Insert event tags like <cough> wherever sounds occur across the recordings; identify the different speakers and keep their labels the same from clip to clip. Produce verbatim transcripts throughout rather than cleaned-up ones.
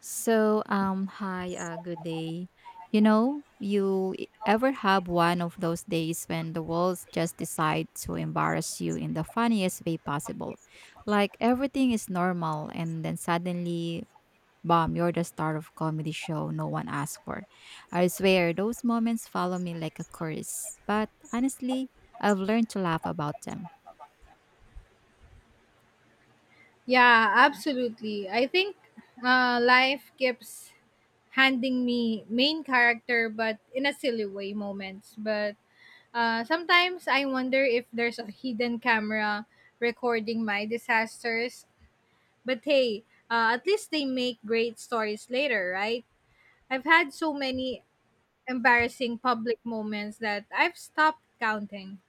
Speaker 1: So, um, hi, uh, good day. You know, you e- ever have one of those days when the walls just decide to embarrass you in the funniest way possible? Like everything is normal, and then suddenly, bam, you're the star of comedy show no one asked for. I swear, those moments follow me like a curse. But honestly, I've learned to laugh about them.
Speaker 2: Yeah, absolutely. I think uh, life keeps handing me main character, but in a silly way moments. But uh, sometimes I wonder if there's a hidden camera recording my disasters. But hey, uh, at least they make great stories later, right? I've had so many embarrassing public moments that I've stopped counting.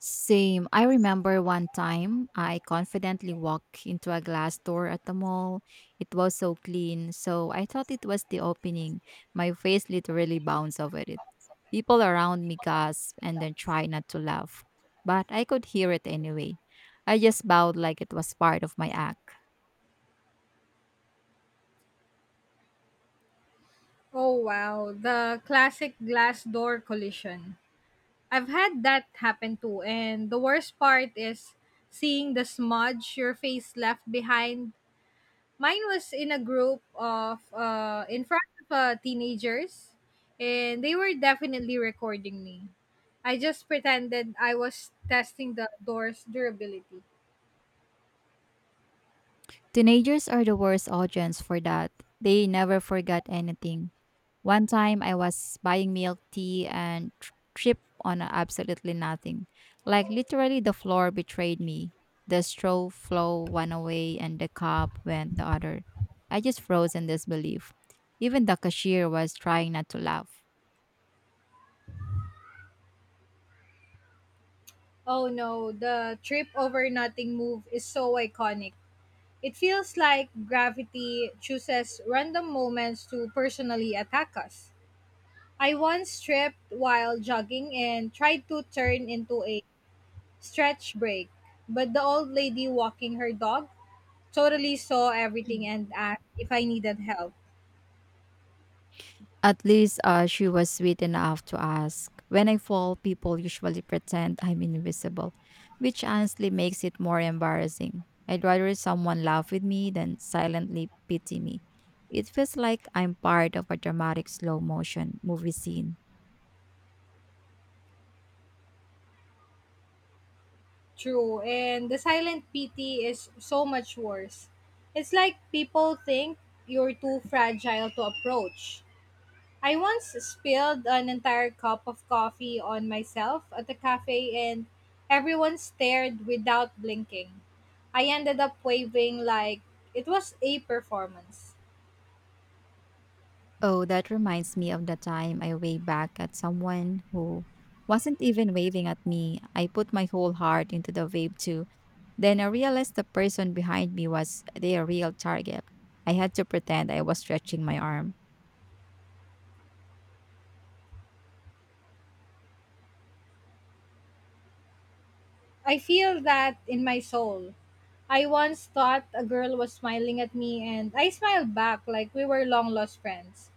Speaker 1: Same. I remember one time I confidently walked into a glass door at the mall. It was so clean, so I thought it was the opening. My face literally bounced over it. People around me gasped and then tried not to laugh, but I could hear it anyway. I just bowed like it was part of my act.
Speaker 2: Oh wow, the classic glass door collision. I've had that happen too, and the worst part is seeing the smudge your face left behind. Mine was in a group of uh in front of uh, teenagers, and they were definitely recording me. I just pretended I was testing the door's durability.
Speaker 1: Teenagers are the worst audience for that. They never forget anything. One time I was buying milk tea and tr- tripped on absolutely nothing. Like literally the floor betrayed me. The straw flow one way and the cup went the other. I just froze in disbelief. Even the cashier was trying not to laugh.
Speaker 2: Oh no, the trip over nothing move is so iconic. It feels like gravity chooses random moments to personally attack us. I once tripped while jogging and tried to turn into a stretch break, but the old lady walking her dog totally saw everything
Speaker 1: Mm.
Speaker 2: and asked if I needed help.
Speaker 1: At least uh, she was sweet enough to ask. When I fall, people usually pretend I'm invisible, which honestly makes it more embarrassing. I'd rather someone laugh with me than silently pity me. It feels like I'm part of a dramatic slow motion movie scene.
Speaker 2: True, and the silent pity is so much worse. It's like people think you're too fragile to approach. I once spilled an entire cup of coffee on myself at a cafe and everyone stared without blinking. I ended up waving like it was a performance.
Speaker 1: Oh, that reminds me of the time I waved back at someone who wasn't even waving at me. I put my whole heart into the wave too. Then I realized the person behind me was their real target. I had to pretend I was stretching my arm.
Speaker 2: I feel that in my soul. I once thought a girl was smiling at me and I smiled back like we were long lost friends.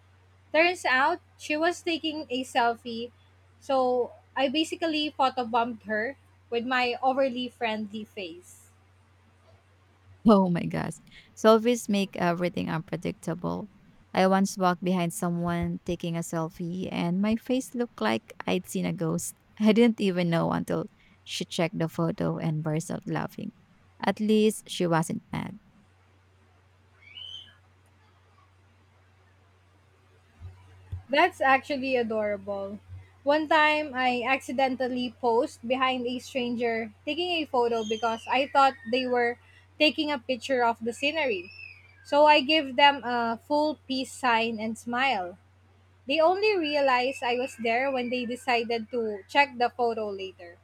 Speaker 2: Turns out she was taking a selfie, so I basically photobombed her with my overly friendly face.
Speaker 1: Oh my gosh. Selfies make everything unpredictable. I once walked behind someone taking a selfie and my face looked like I'd seen a ghost. <laughs> I didn't even know until she checked the photo and burst out laughing. At least she wasn't mad.
Speaker 2: That's actually adorable. One time I accidentally posed behind a stranger taking a photo because I thought they were taking a picture of the scenery. So I gave them a full peace sign and smile. They only realized I was there when they decided to check the photo later.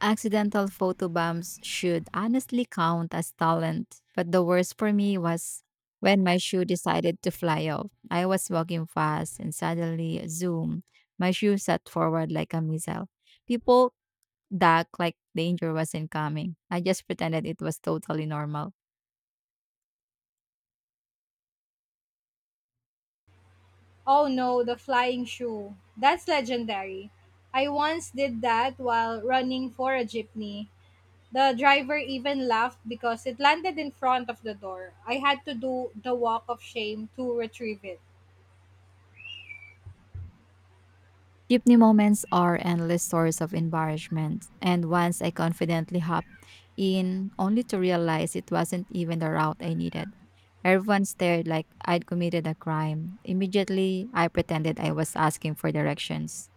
Speaker 1: Accidental photobombs should honestly count as talent, but the worst for me was when my shoe decided to fly off. I was walking fast and suddenly, zoom, my shoe set forward like a missile. People ducked like danger wasn't coming. I just pretended it was totally normal.
Speaker 2: Oh no, the flying shoe. That's legendary. I once did that while running for a jeepney. The driver even laughed because it landed in front of the door. I had to do the walk of shame to retrieve it.
Speaker 1: Jeepney moments are endless source of embarrassment, and once I confidently hopped in, only to realize it wasn't even the route I needed. Everyone stared like I'd committed a crime. Immediately, I pretended I was asking for directions.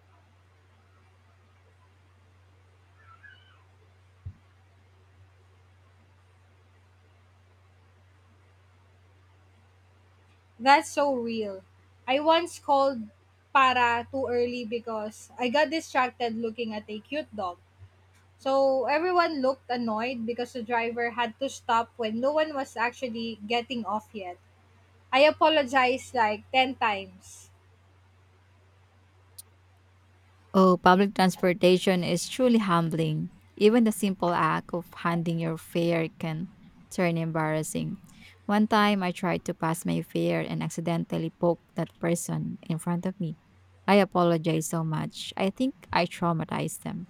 Speaker 2: That's so real. I once called para too early because I got distracted looking at a cute dog. So everyone looked annoyed because the driver had to stop when no one was actually getting off yet. I apologized like ten times.
Speaker 1: Oh, public transportation is truly humbling. Even the simple act of handing your fare can turn embarrassing. One time I tried to pass my fare and accidentally poked that person in front of me. I apologize so much. I think I traumatized them.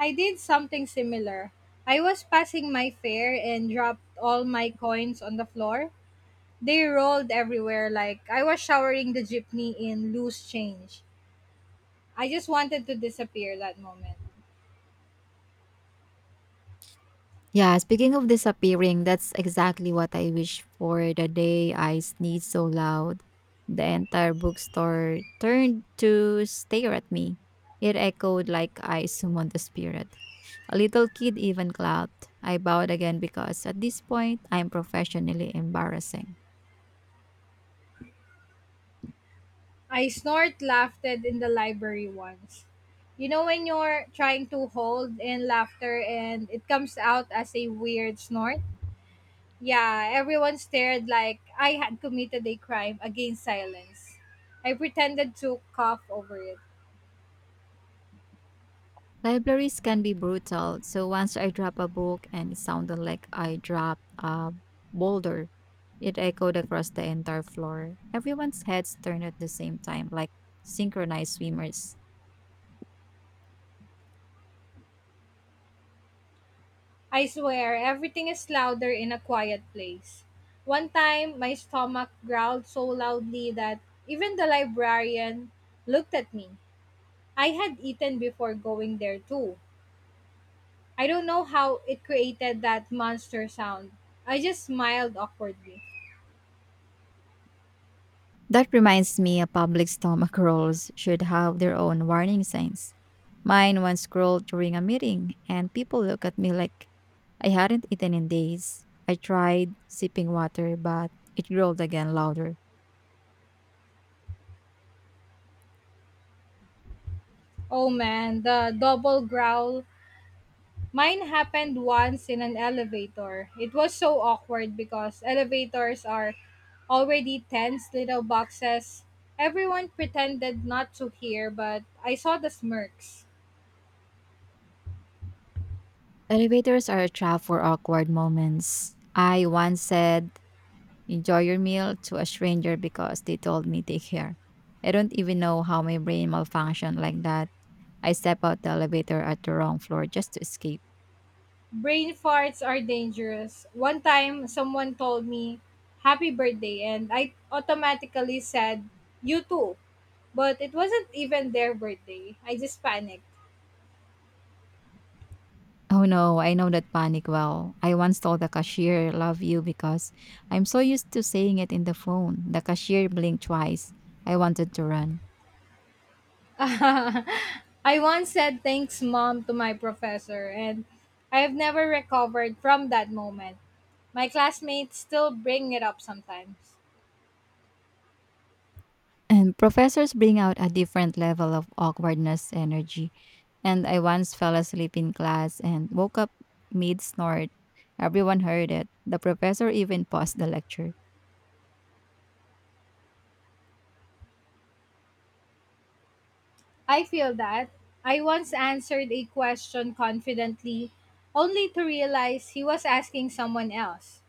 Speaker 2: I did something similar. I was passing my fare and dropped all my coins on the floor. They rolled everywhere like I was showering the jeepney in loose change. I just wanted to disappear that moment.
Speaker 1: Yeah, speaking of disappearing, that's exactly what I wish for the day I sneezed so loud. The entire bookstore turned to stare at me. It echoed like I summoned a spirit. A little kid even clapped. I bowed again because at this point, I'm professionally embarrassing.
Speaker 2: I snort laughed in the library once. You know when you're trying to hold in laughter and it comes out as a weird snort? Yeah, everyone stared like I had committed a crime against silence. I pretended to cough over it.
Speaker 1: Libraries can be brutal. So once I dropped a book and it sounded like I dropped a boulder, it echoed across the entire floor. Everyone's heads turned at the same time, like synchronized swimmers.
Speaker 2: I swear, everything is louder in a quiet place. One time, my stomach growled so loudly that even the librarian looked at me. I had eaten before going there, too. I don't know how it created that monster sound. I just smiled awkwardly.
Speaker 1: That reminds me a public stomach rolls should have their own warning signs. Mine once crawled during a meeting, and people looked at me like I hadn't eaten in days. I tried sipping water, but it growled again louder.
Speaker 2: Oh man, the double growl. Mine happened once in an elevator. It was so awkward because elevators are already tense little boxes. Everyone pretended not to hear, but I saw the smirks.
Speaker 1: Elevators are a trap for awkward moments. I once said, enjoy your meal to a stranger because they told me take care. I don't even know how my brain malfunctioned like that. I step out the elevator at the wrong floor just to escape.
Speaker 2: Brain farts are dangerous. One time, someone told me, "Happy birthday," and I automatically said, "You too." But it wasn't even their birthday. I just panicked.
Speaker 1: Oh no, I know that panic well. I once told the cashier, love you because I'm so used to saying it in the phone. The cashier blinked twice. I wanted to run.
Speaker 2: <laughs> I once said, "Thanks, Mom," to my professor, and I have never recovered from that moment. My classmates still bring it up sometimes.
Speaker 1: And professors bring out a different level of awkwardness energy. And I once fell asleep in class and woke up mid snort. Everyone heard it. The professor even paused the lecture.
Speaker 2: I feel that. I once answered a question confidently, only to realize he was asking someone else.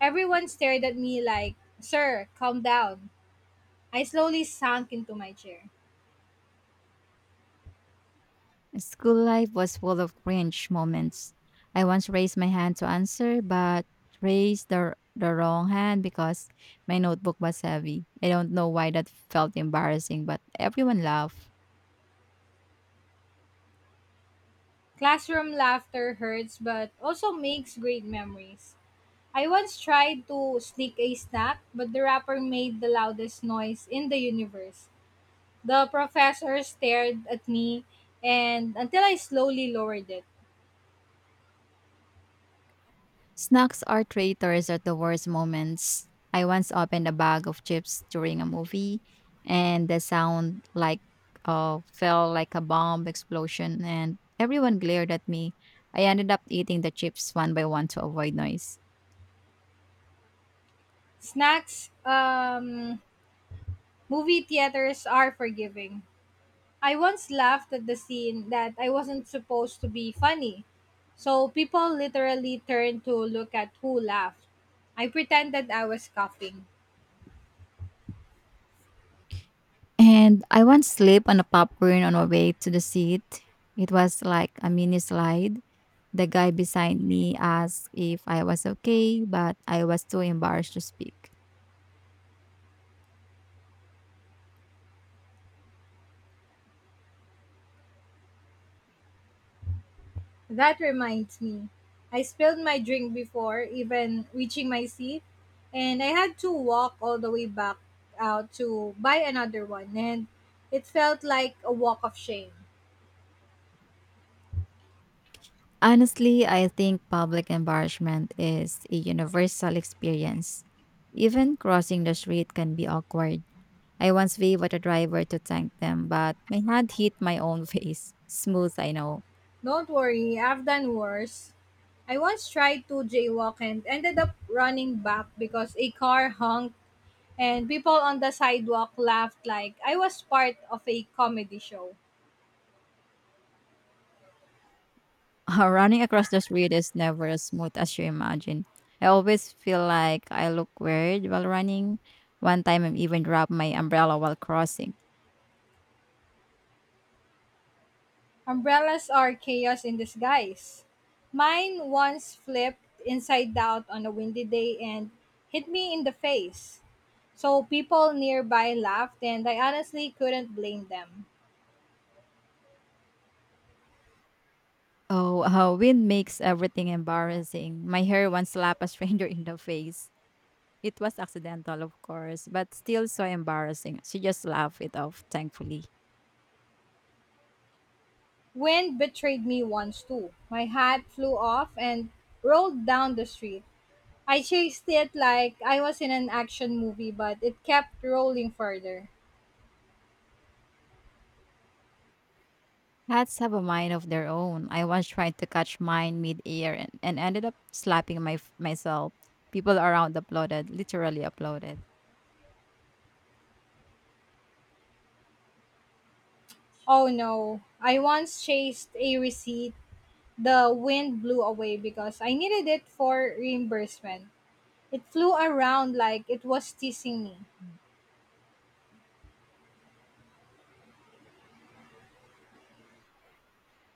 Speaker 2: Everyone stared at me like, "Sir, calm down." I slowly sank into my chair.
Speaker 1: School life was full of cringe moments. I once raised my hand to answer, but raised the, the wrong hand because my notebook was heavy. I don't know why that felt embarrassing, but everyone laughed.
Speaker 2: Classroom laughter hurts, but also makes great memories. I once tried to sneak a snack, but the wrapper made the loudest noise in the universe. The professor stared at me and until I slowly lowered it.
Speaker 1: Snacks are traitors at the worst moments. I once opened a bag of chips during a movie, and the sound like uh, fell like a bomb explosion, and everyone glared at me. I ended up eating the chips one by one to avoid noise.
Speaker 2: Snacks, um, movie theaters are forgiving. I once laughed at the scene that I wasn't supposed to be funny. So people literally turned to look at who laughed. I pretended I was coughing.
Speaker 1: And I once slipped on a popcorn on my way to the seat. It was like a mini slide. The guy beside me asked if I was okay, but I was too embarrassed to speak.
Speaker 2: That reminds me, I spilled my drink before even reaching my seat, and I had to walk all the way back out to buy another one, and it felt like a walk of shame.
Speaker 1: Honestly, I think public embarrassment is a universal experience. Even crossing the street can be awkward. I once waved at a driver to thank them, but my hand hit my own <laughs> face. Smooth, I know.
Speaker 2: Don't worry, I've done worse. I once tried to jaywalk and ended up running back because a car honked and people on the sidewalk laughed like I was part of a comedy show.
Speaker 1: <laughs> Running across the street is never as smooth as you imagine. I always feel like I look weird while running. One time I even dropped my umbrella while crossing.
Speaker 2: Umbrellas are chaos in disguise. Mine once flipped inside out on a windy day and hit me in the face. So people nearby laughed, and I honestly couldn't blame them.
Speaker 1: Oh, uh, wind makes everything embarrassing. My hair once slapped a stranger in the face. It was accidental, of course, but still so embarrassing. She just laughed it off, thankfully.
Speaker 2: Wind betrayed me once too. My hat flew off and rolled down the street. I chased it like I was in an action movie, but it kept rolling further.
Speaker 1: Cats have a mind of their own. I once tried to catch mine mid-air and, and ended up slapping my myself. People around applauded, literally applauded.
Speaker 2: Oh no, I once chased a receipt the wind blew away because I needed it for reimbursement. It flew around like it was teasing me.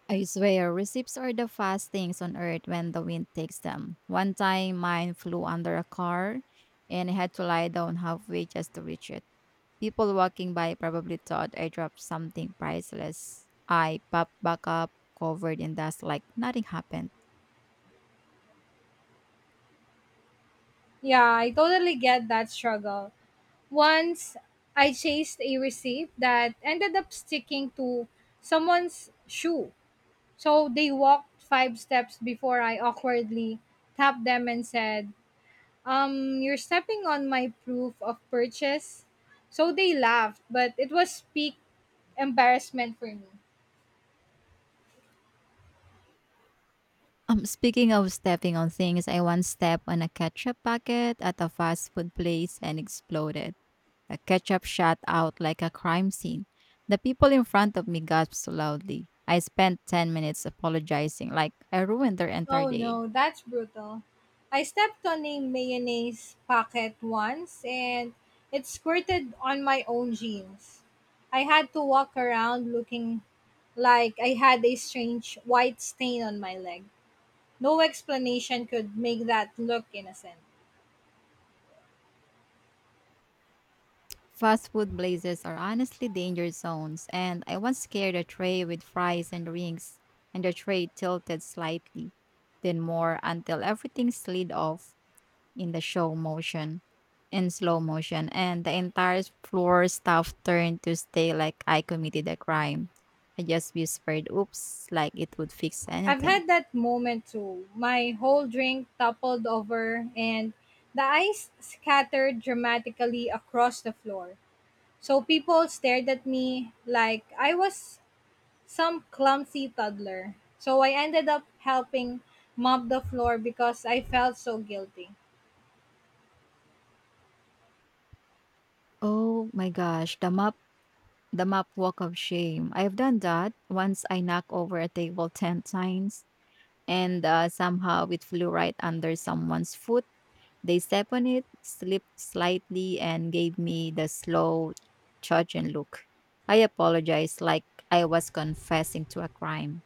Speaker 1: I swear, receipts are the fast things on earth when the wind takes them. One time, mine flew under a car and I had to lie down halfway just to reach it. People walking by probably thought I dropped something priceless. I popped back up, covered in dust, like nothing happened. <laughs>
Speaker 2: Yeah, I totally get that struggle. Once I chased a receipt that ended up sticking to someone's shoe. So they walked five steps before I awkwardly tapped them and said, "Um, you're stepping on my proof of purchase." So they laughed, but it was peak embarrassment for me.
Speaker 1: Um, speaking of stepping on things, I once stepped on a ketchup packet at a fast food place and exploded. The ketchup shot out like a crime scene. The people in front of me gasped loudly. I spent ten minutes apologizing, like I ruined their entire
Speaker 2: Oh
Speaker 1: day.
Speaker 2: no, that's brutal. I stepped on a mayonnaise packet once and it squirted on my own jeans. I had to walk around looking like I had a strange white stain on my leg. No explanation could make that look innocent.
Speaker 1: Fast food places are honestly danger zones, and I once scared a tray with fries and rings, and the tray tilted slightly, then more until everything slid off in the show motion, in slow motion, and the entire floor staff turned to stay like I committed a crime. I just whispered, oops, like it would fix
Speaker 2: I've
Speaker 1: anything.
Speaker 2: had that moment too. My whole drink toppled over and the ice scattered dramatically across the floor. So people stared at me like I was some clumsy toddler. So I ended up helping mop the floor because I felt so guilty.
Speaker 1: Oh my gosh, the map the map walk of shame. I've done that. Once I knocked over a table ten times and uh, somehow it flew right under someone's foot. They stepped on it, slipped slightly, and gave me the slow, judging look. I apologized like I was confessing to a crime.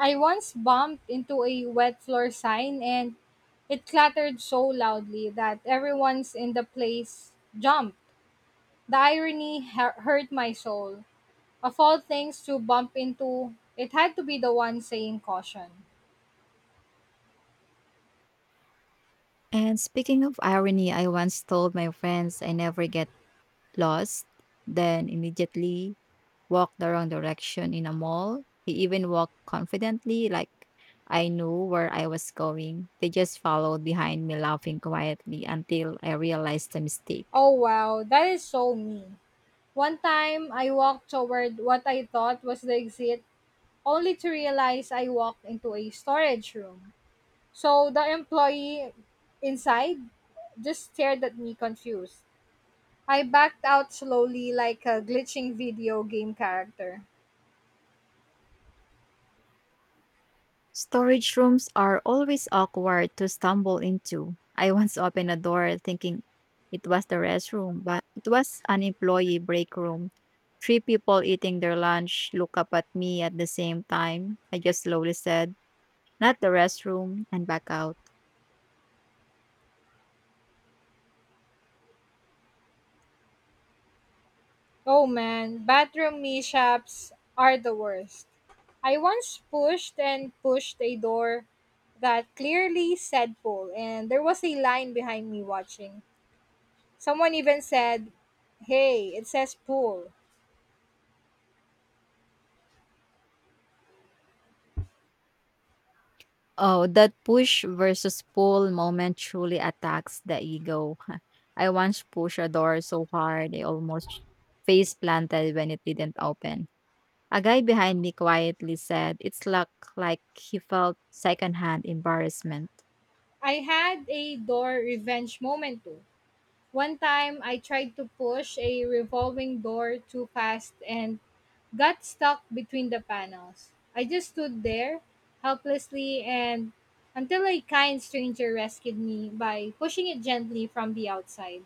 Speaker 2: I once bumped into a wet floor sign and it clattered so loudly that everyone's in the place jumped. The irony hu- hurt my soul. Of all things to bump into, it had to be the one saying caution.
Speaker 1: And speaking of irony, I once told my friends I never get lost. Then immediately walk the wrong direction in a mall. He even walked confidently, like I knew where I was going. They just followed behind me, laughing quietly until I realized the mistake.
Speaker 2: Oh wow, that is so me. One time, I walked toward what I thought was the exit only to realize I walked into a storage room. So the employee inside just stared at me confused. I backed out slowly like a glitching video game character.
Speaker 1: Storage rooms are always awkward to stumble into. I once <laughs> opened a door thinking it was the restroom, but it was an employee break room. Three people eating their lunch look up at me at the same time. I just slowly said, Not the restroom, and back out.
Speaker 2: Oh man, bathroom mishaps are the worst. I once pushed and pushed a door that clearly said pull, and there was a line behind me watching. Someone even said, "Hey, it says pull."
Speaker 1: Oh, that push versus pull moment truly attacks the ego. <laughs> I once pushed a door so hard I almost face planted when it didn't open. A guy behind me quietly said, It's luck, like he felt secondhand embarrassment. <laughs>
Speaker 2: I had a door revenge moment too. One time, I tried to push a revolving door too fast and got stuck between the panels. I just stood there helplessly and until a kind stranger rescued me by pushing it gently from the outside.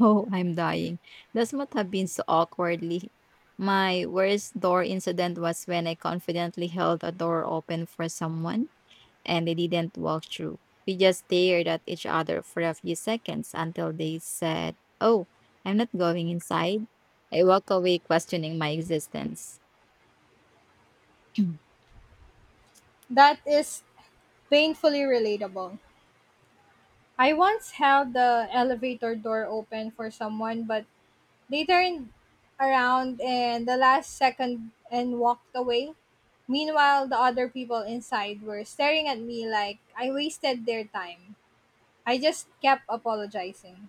Speaker 1: Oh, I'm dying. This must have been so awkwardly. My worst door incident was when I confidently held a door open for someone and they didn't walk through. We just stared at each other for a few seconds until they said, Oh, I'm not going inside. I walk away questioning my existence. <clears throat>
Speaker 2: That is painfully relatable. I once held the elevator door open for someone, but they turned around in the last second and walked away. Meanwhile, the other people inside were staring at me like I wasted their time. I just kept apologizing.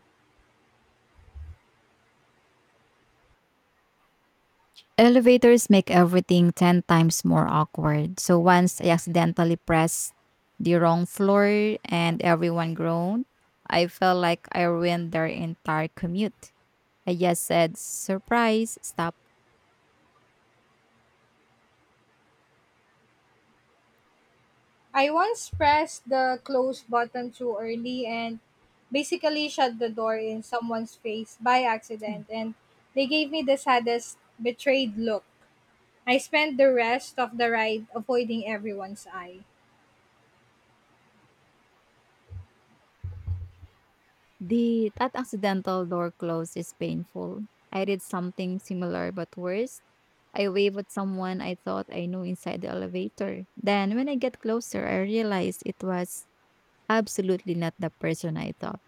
Speaker 1: Elevators make everything ten times more awkward. So once I accidentally pressed the wrong floor and everyone groaned, I felt like I ruined their entire commute. I just said, surprise, stop.
Speaker 2: I once pressed the close button too early and basically shut the door in someone's face by accident,
Speaker 1: <clears throat>
Speaker 2: and they gave me the saddest, betrayed look. I spent the rest of the ride avoiding everyone's eye.
Speaker 1: The that accidental door close is painful. I did something similar but worse. I waved at someone I thought I knew inside the elevator. Then when I get closer, I realized it was absolutely not the person I thought.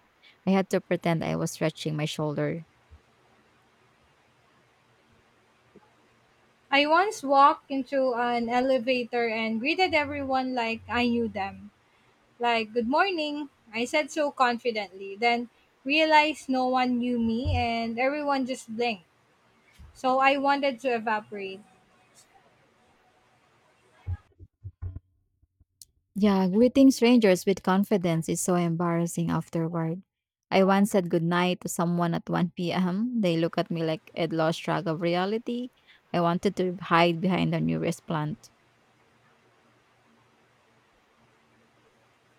Speaker 1: I had to pretend I was stretching my shoulder.
Speaker 2: I once walked into an elevator and greeted everyone like I knew them. Like, "Good morning." I said so confidently, then realized no one knew me and everyone just blinked. So I wanted to evaporate.
Speaker 1: Yeah, greeting strangers with confidence is so embarrassing afterward. I once said goodnight to someone at one p m. They looked at me like I'd lost track of reality. I wanted to hide behind the nearest plant.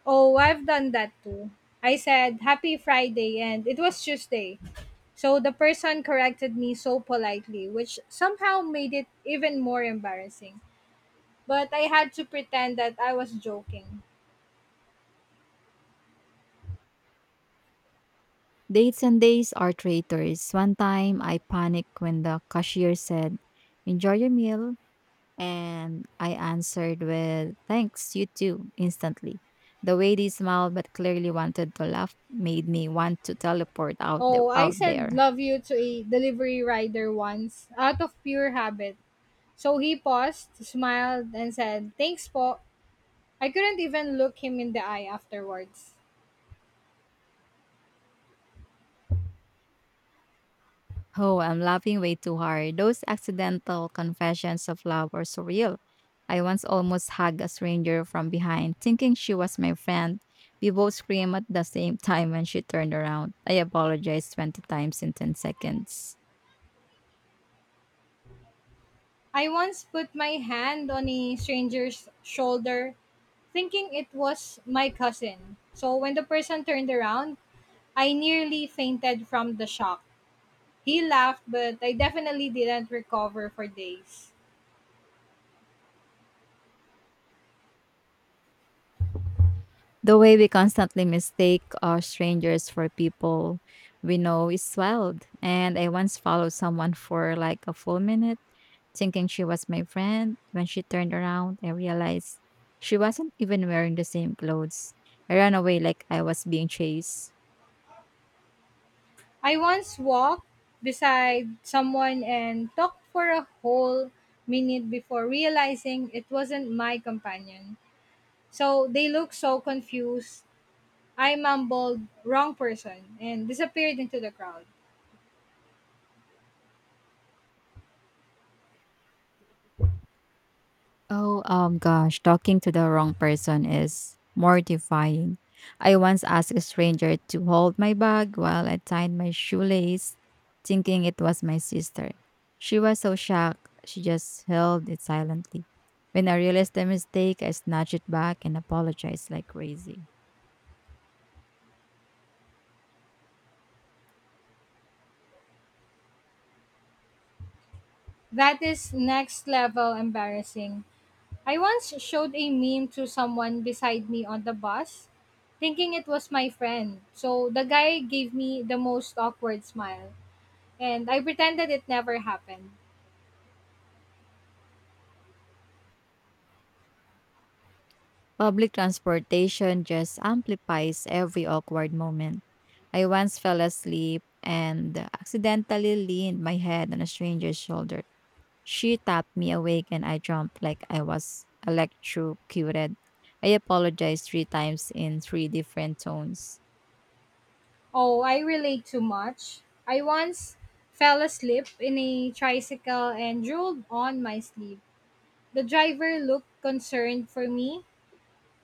Speaker 2: Oh, I've done that too. I said, "Happy Friday," and it was Tuesday. So the person corrected me so politely, which somehow made it even more embarrassing. But I had to pretend that I was joking.
Speaker 1: Dates and days are traitors. One time I panicked when the cashier said, Enjoy your meal. And I answered with, Thanks, you too, instantly. The way they smiled but clearly wanted to laugh made me want to teleport out, the,
Speaker 2: Oh, I
Speaker 1: out
Speaker 2: said
Speaker 1: there.
Speaker 2: love you to a delivery rider once out of pure habit. So he paused, smiled, and said, "Thanks po." I couldn't even look him in the eye afterwards.
Speaker 1: Oh, I'm laughing way too hard. Those accidental confessions of love are surreal. I once almost hugged a stranger from behind, thinking she was my friend. We both screamed at the same time when she turned around. I apologized twenty times in ten seconds.
Speaker 2: I once put my hand on a stranger's shoulder, thinking it was my cousin. So when the person turned around, I nearly fainted from the shock. He laughed, but I definitely didn't recover for days.
Speaker 1: The way we constantly mistake our strangers for people we know is wild. And I once followed someone for like a full minute thinking she was my friend. When she turned around, I realized she wasn't even wearing the same clothes. I ran away like I was being chased.
Speaker 2: I once walked beside someone and talked for a whole minute before realizing it wasn't my companion. So they looked so confused. I mumbled, "Wrong person," and disappeared into the crowd.
Speaker 1: Oh, um, gosh, talking to the wrong person is mortifying. I once asked a stranger to hold my bag while I tied my shoelace, thinking it was my sister. She was so shocked, she just held it silently. When I realized the mistake, I snatched it back and apologized like crazy.
Speaker 2: That is next level embarrassing. I once showed a meme to someone beside me on the bus, thinking it was my friend. So the guy gave me the most awkward smile, and I pretended it never happened.
Speaker 1: Public transportation just amplifies every awkward moment. I once fell asleep and accidentally leaned my head on a stranger's shoulder. She tapped me awake and I jumped like I was electrocuted. I apologized three times in three different tones.
Speaker 2: Oh, I relate too much. I once fell asleep in a tricycle and drooled on my sleeve. The driver looked concerned for me.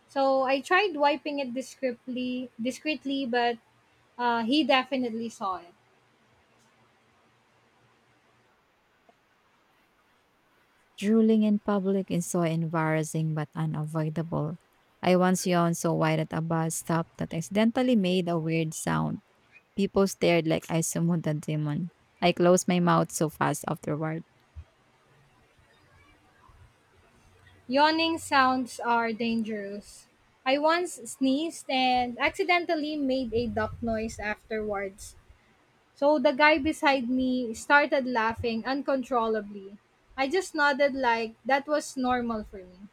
Speaker 2: So I tried wiping it discreetly, discreetly, but uh, he definitely saw it.
Speaker 1: Drooling in public is so embarrassing but unavoidable. I once yawned so wide at a bus stop that I accidentally made a weird sound. People stared like I summoned a demon. I closed my mouth so fast afterward.
Speaker 2: Yawning sounds are dangerous. I once sneezed and accidentally made a duck noise afterwards. So the guy beside me started laughing uncontrollably. I just nodded like that was normal for me.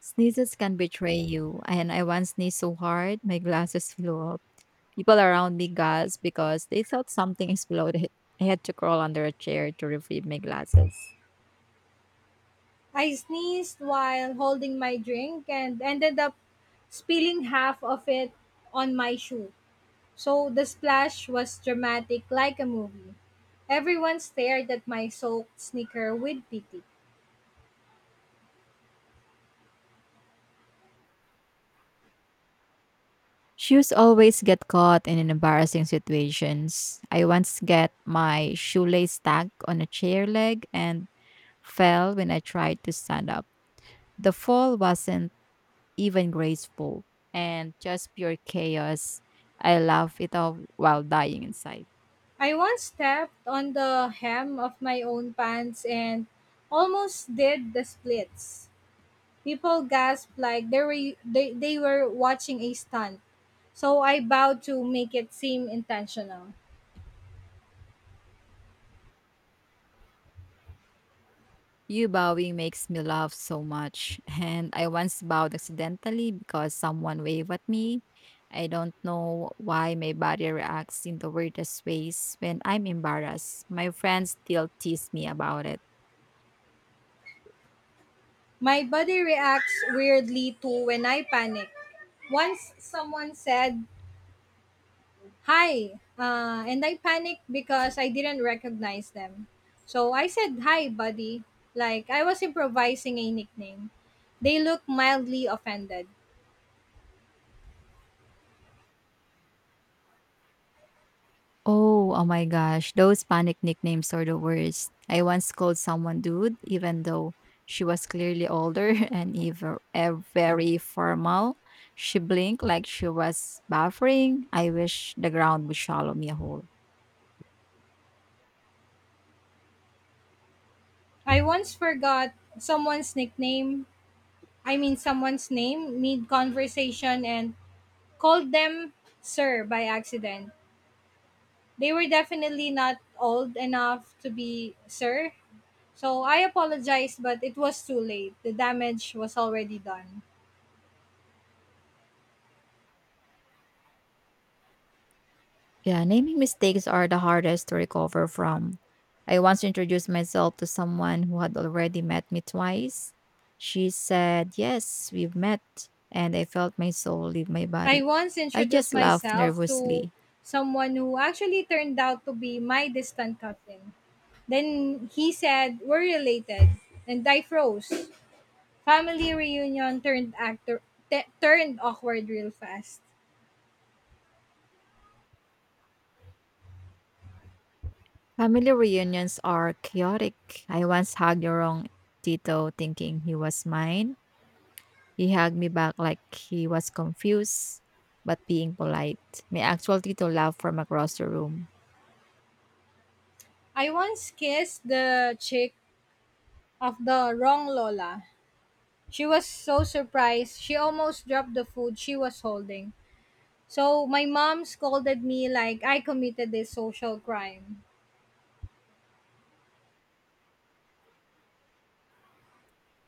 Speaker 1: Sneezes can betray you, and I once sneezed so hard my glasses flew off. People around me gasped because they thought something <laughs> exploded. I had to crawl under a chair to retrieve my glasses.
Speaker 2: I sneezed while holding my drink and ended up spilling half of it on my shoe. So the splash was dramatic like a movie. Everyone stared at my soaked sneaker with pity.
Speaker 1: Shoes always get caught in embarrassing situations. I once get my shoelace stuck on a chair leg and fell when I tried to stand up. The fall wasn't even graceful and just pure chaos. I laughed it off while dying inside.
Speaker 2: I once stepped on the hem of my own pants and almost did the splits. People gasped like they were, they, they were watching a stunt. So I bowed to make it seem intentional.
Speaker 1: You bowing makes me laugh so much. <laughs> And I once bowed accidentally because someone waved at me. I don't know why my body reacts in the weirdest ways when I'm embarrassed. My friends still tease me about it.
Speaker 2: My body reacts weirdly too when I panic. Once someone said hi, uh, and I panicked because I didn't recognize them, so I said hi buddy, like I was improvising a nickname. They looked mildly offended.
Speaker 1: Oh, oh my gosh, those panic nicknames are the worst. I once called someone dude, even though she was clearly older <laughs> and even eh, very formal. She blinked like she was buffering. I wish the ground would swallow me whole.
Speaker 2: I once forgot someone's nickname I mean someone's name mid conversation and called them sir by accident. They were definitely not old enough to be sir, so I apologized, but it was too late. The damage was already done.
Speaker 1: Yeah, naming mistakes are the hardest to recover from. I once introduced myself to someone who had already met me twice. She said, "Yes, we've met," and I felt my soul leave my
Speaker 2: I
Speaker 1: body.
Speaker 2: once
Speaker 1: I
Speaker 2: introduced
Speaker 1: just laughed
Speaker 2: myself to
Speaker 1: nervously.
Speaker 2: someone who actually turned out to be my distant cousin. Then he said, We're related. And I froze. Family reunion turned actor te- turned awkward real fast.
Speaker 1: Family reunions are chaotic. I once hugged the wrong Tito thinking he was mine. He hugged me back like he was confused, but being polite. My actual Tito laughed from across the room.
Speaker 2: I once kissed the chick of the wrong Lola. She was so surprised, she almost dropped the food she was holding. So my mom scolded me like I committed a social crime.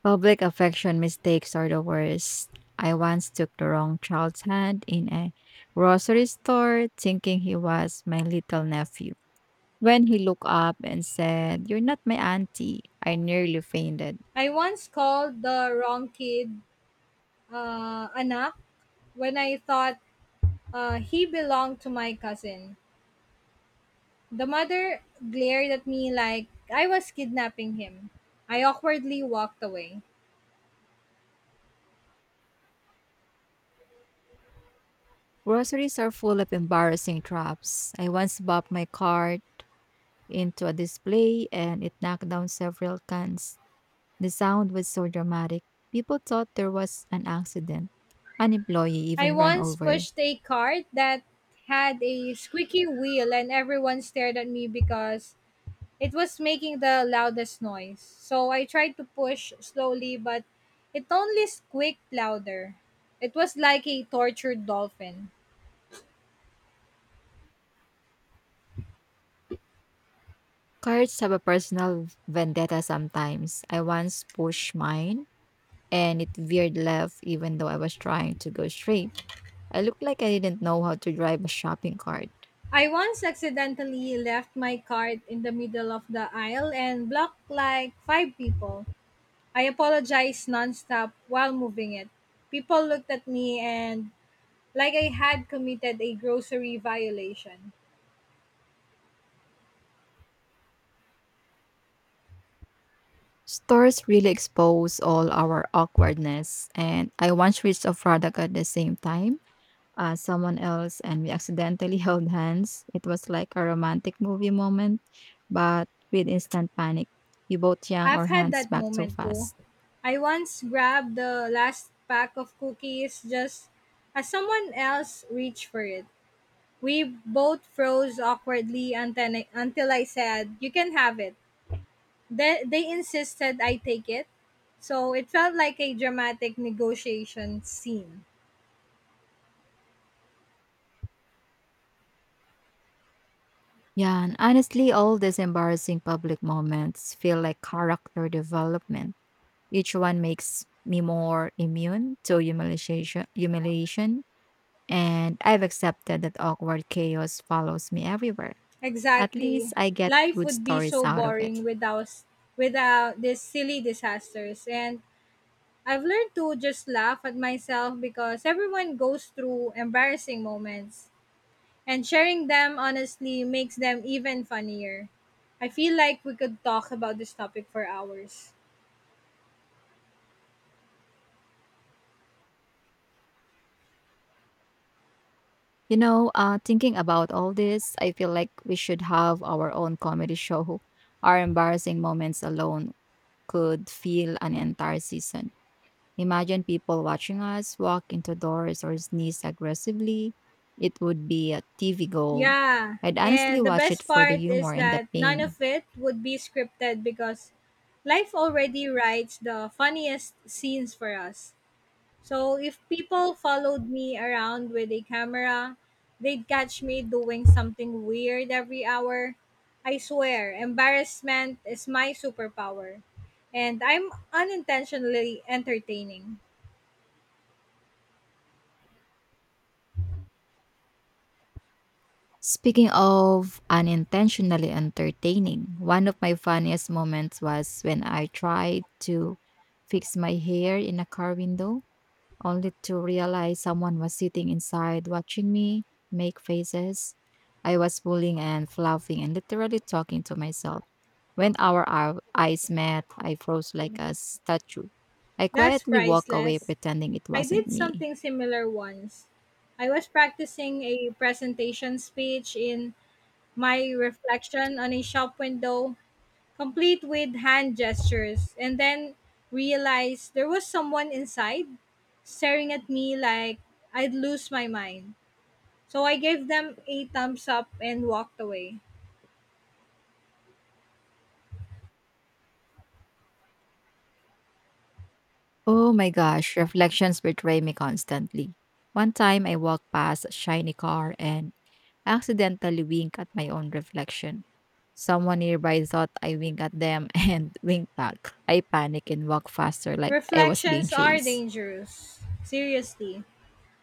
Speaker 1: Public affection mistakes are the worst. I once took the wrong child's hand in a grocery store thinking he was my little nephew. When he looked up and said, "You're not my auntie," I nearly fainted.
Speaker 2: I once called the wrong kid uh, anak when I thought uh, he belonged to my cousin. The mother glared at me like I was kidnapping him. I awkwardly walked away.
Speaker 1: Groceries are full of embarrassing traps. I once bopped my cart into a display and it knocked down several cans. The sound was so dramatic. People thought there was an accident. An employee
Speaker 2: I
Speaker 1: even ran
Speaker 2: once
Speaker 1: over.
Speaker 2: pushed a cart that had a squeaky wheel, and everyone stared at me because it was making the loudest noise. So I tried to push slowly, but it only squeaked louder. It was like a tortured dolphin.
Speaker 1: Cards have a personal vendetta sometimes. I once pushed mine and it veered left even though I was trying to go straight. I looked like I didn't know how to drive a shopping cart.
Speaker 2: I once accidentally left my card in the middle of the aisle and blocked like five people. I apologized nonstop while moving it. People looked at me and like I had committed a grocery violation.
Speaker 1: Stores really expose all our awkwardness, and I once reached a product at the same time as someone else, and we accidentally <laughs> held hands. It was like a romantic movie moment, but with instant panic. We both yanked
Speaker 2: I've
Speaker 1: our
Speaker 2: had
Speaker 1: hands
Speaker 2: that
Speaker 1: back so
Speaker 2: moment too.
Speaker 1: fast.
Speaker 2: I once grabbed the last pack of cookies just as someone else reached for it. We both froze awkwardly until until I said, You can have it. They, they insisted I take it, so it felt like a dramatic negotiation scene.
Speaker 1: Yeah, and honestly, all these embarrassing public moments feel like character development. Each one makes me more immune to humiliation, humiliation, and I've accepted that awkward chaos follows me everywhere. At least
Speaker 2: Exactly.
Speaker 1: I get
Speaker 2: Life
Speaker 1: good
Speaker 2: would be
Speaker 1: stories
Speaker 2: so
Speaker 1: out of
Speaker 2: boring
Speaker 1: it.
Speaker 2: without without these silly disasters, and I've learned to just laugh at myself because everyone goes through embarrassing moments, and sharing them honestly makes them even funnier. I feel like we could talk about this topic for hours.
Speaker 1: You know, uh, thinking about all this, I feel like we should have our own comedy show. Our embarrassing moments alone could fill an entire season. Imagine people watching us walk into doors or sneeze aggressively. It would be a T V gold.
Speaker 2: Yeah,
Speaker 1: I'd honestly
Speaker 2: and the
Speaker 1: watch it
Speaker 2: best
Speaker 1: for the
Speaker 2: part is
Speaker 1: humor and the
Speaker 2: that none
Speaker 1: pain.
Speaker 2: of it would be scripted because life already writes the funniest scenes for us. So if people followed me around with a camera, they'd catch me doing something weird every hour. I swear, embarrassment is my superpower, and I'm unintentionally entertaining.
Speaker 1: Speaking of unintentionally entertaining, one of my funniest moments was when I tried to fix my hair in a car window, only to realize someone was sitting inside watching me make faces. I was pulling and fluffing and literally talking to myself. When our ou- eyes met, I froze like a statue. I
Speaker 2: That's
Speaker 1: quietly walked away,
Speaker 2: priceless.
Speaker 1: pretending it
Speaker 2: I
Speaker 1: wasn't
Speaker 2: did
Speaker 1: me.
Speaker 2: something similar once. I was practicing a presentation speech in my reflection on a shop window, complete with hand gestures, and then realized there was someone inside staring at me like I'd lose my mind. So I gave them a thumbs up and walked away.
Speaker 1: Oh my gosh, reflections betray me constantly. One time I walked past a shiny car and accidentally winked at my own reflection. Someone nearby thought I winked at them <laughs> and winked back. I panicked and walked faster like I was being
Speaker 2: Reflections are
Speaker 1: chased.
Speaker 2: dangerous. Seriously.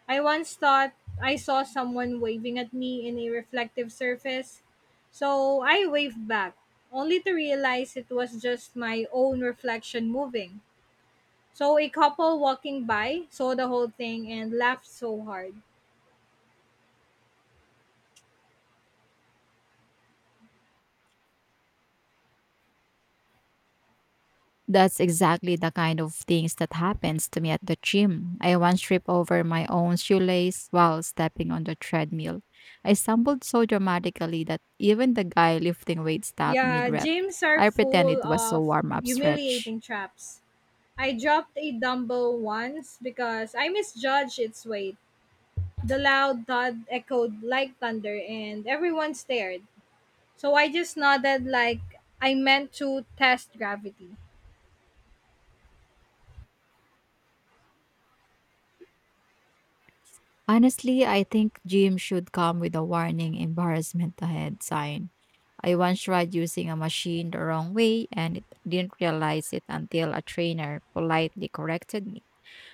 Speaker 2: I once thought I saw someone waving at me in a reflective surface, so I waved back, only to realize it was just my own reflection moving. So a couple walking by saw the whole thing and laughed so hard.
Speaker 1: That's exactly the kind of things that happens to me at the gym. I once tripped over my own shoelace while stepping on the treadmill. I stumbled so dramatically that even the guy lifting weights stopped
Speaker 2: Yeah,
Speaker 1: mid-rep.
Speaker 2: gyms are
Speaker 1: I
Speaker 2: full
Speaker 1: pretended it was a
Speaker 2: of
Speaker 1: warm-up stretch.
Speaker 2: humiliating traps. I dropped a dumbbell once because I misjudged its weight. The loud thud echoed like thunder, and everyone stared. So I just nodded like I meant to test gravity.
Speaker 1: Honestly, I think gym should come with a warning embarrassment ahead sign. I once tried using a machine the wrong way and it didn't realize it until a trainer politely corrected me.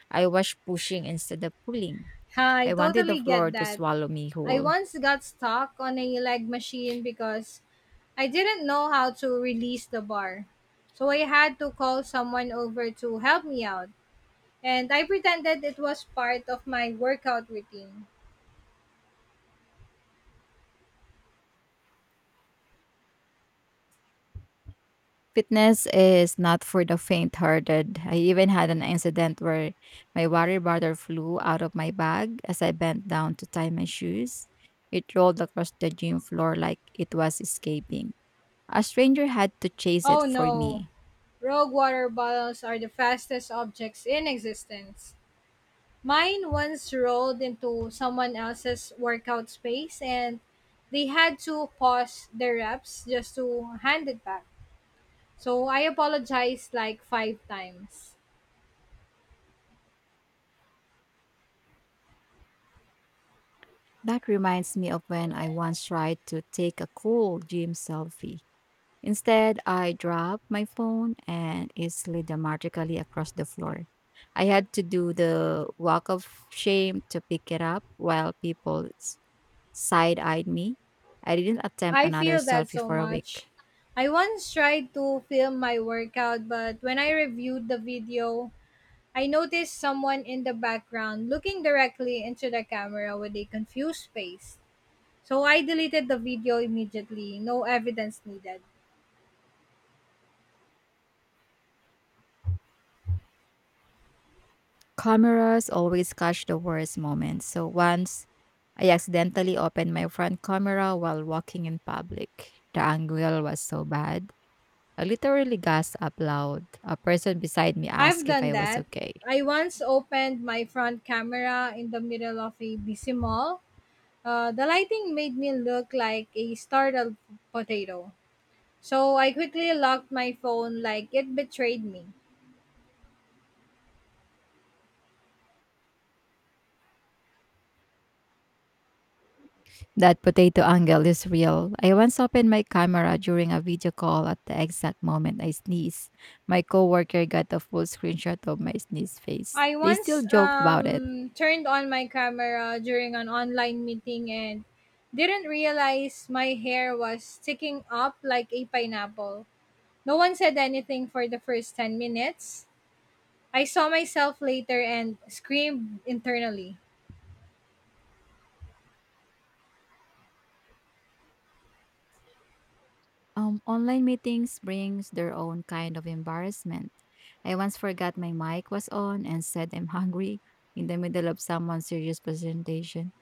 Speaker 1: I was pushing instead of pulling.
Speaker 2: I
Speaker 1: I wanted the
Speaker 2: totally
Speaker 1: floor
Speaker 2: get
Speaker 1: to
Speaker 2: that.
Speaker 1: swallow me
Speaker 2: I
Speaker 1: whole.
Speaker 2: once got stuck on a leg machine because I didn't know how to release the bar. So I had to call someone over to help me out. And I pretended it was part of my workout routine.
Speaker 1: Fitness is not for the faint hearted. I even had an incident where my water bottle flew out of my bag as I bent down to tie my shoes. It rolled across the gym floor like it was escaping. A stranger had to chase it
Speaker 2: Oh
Speaker 1: for
Speaker 2: no,
Speaker 1: me.
Speaker 2: rogue water bottles are the fastest objects in existence. Mine once rolled into someone else's workout space, and they had to pause their reps just to hand it back. So I apologized like five times.
Speaker 1: That reminds me of when I once tried to take a cool gym selfie. Instead, I dropped my phone and it slid dramatically across the floor. I had to do the walk of shame to pick it up while people side eyed me. I didn't attempt
Speaker 2: I
Speaker 1: another
Speaker 2: feel that
Speaker 1: selfie
Speaker 2: so
Speaker 1: for a week.
Speaker 2: much. I once tried to film my workout, but when I reviewed the video, I noticed someone in the background looking directly into the camera with a confused face. So I deleted the video immediately, no evidence needed.
Speaker 1: Cameras always catch the worst moments. So once I accidentally opened my front camera while walking in public, the angle was so bad. I literally gasped out loud. A person beside me
Speaker 2: I've
Speaker 1: asked if
Speaker 2: done
Speaker 1: I was
Speaker 2: that.
Speaker 1: okay.
Speaker 2: I once opened my front camera in the middle of a busy mall. Uh, the lighting made me look like a startled potato. So I quickly locked my phone like it betrayed me.
Speaker 1: That potato angle is real. I once opened my camera during a video call at the exact moment I sneezed. My coworker got a full screenshot of my sneeze face.
Speaker 2: I
Speaker 1: They still
Speaker 2: once
Speaker 1: joke about it.
Speaker 2: um, turned on my camera during an online meeting and didn't realize my hair was sticking up like a pineapple. No one said anything for the first ten minutes. I saw myself later and screamed internally.
Speaker 1: Um, online meetings brings their own kind of embarrassment. I once forgot my mic was on and said "I'm hungry" in the middle of someone's serious presentation.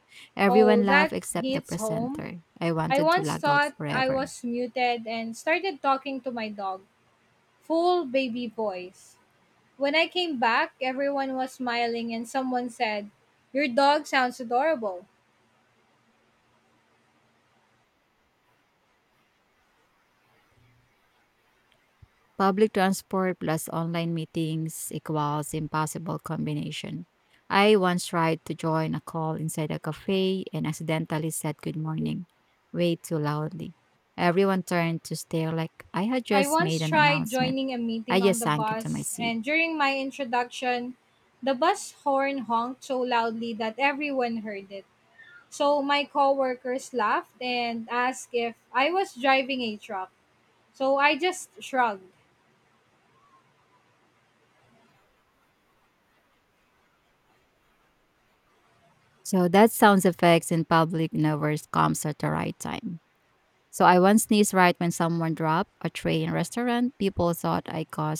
Speaker 2: Oh,
Speaker 1: Everyone laughed
Speaker 2: that
Speaker 1: except the
Speaker 2: hits home.
Speaker 1: presenter. I
Speaker 2: I
Speaker 1: wanted to
Speaker 2: once
Speaker 1: log out
Speaker 2: thought I
Speaker 1: forever.
Speaker 2: was muted and started talking to my dog, full baby voice. When I came back, everyone was smiling and someone said, Your dog sounds adorable.
Speaker 1: Public transport plus online meetings equals impossible combination. I once tried to join a call inside a cafe and accidentally said good morning way too loudly. Everyone turned to stare like I had
Speaker 2: I
Speaker 1: just made
Speaker 2: once
Speaker 1: an
Speaker 2: tried
Speaker 1: announcement.
Speaker 2: joining a meeting
Speaker 1: I
Speaker 2: on
Speaker 1: just
Speaker 2: the
Speaker 1: sank into my
Speaker 2: bus,
Speaker 1: seat.
Speaker 2: and during my introduction, the bus horn honked so loudly that everyone heard it. So my coworkers laughed and asked if I was driving a truck. So I just shrugged.
Speaker 1: So that sound effects in public never comes at the right time. So I once sneezed right when someone dropped a tray in a restaurant. People thought I caused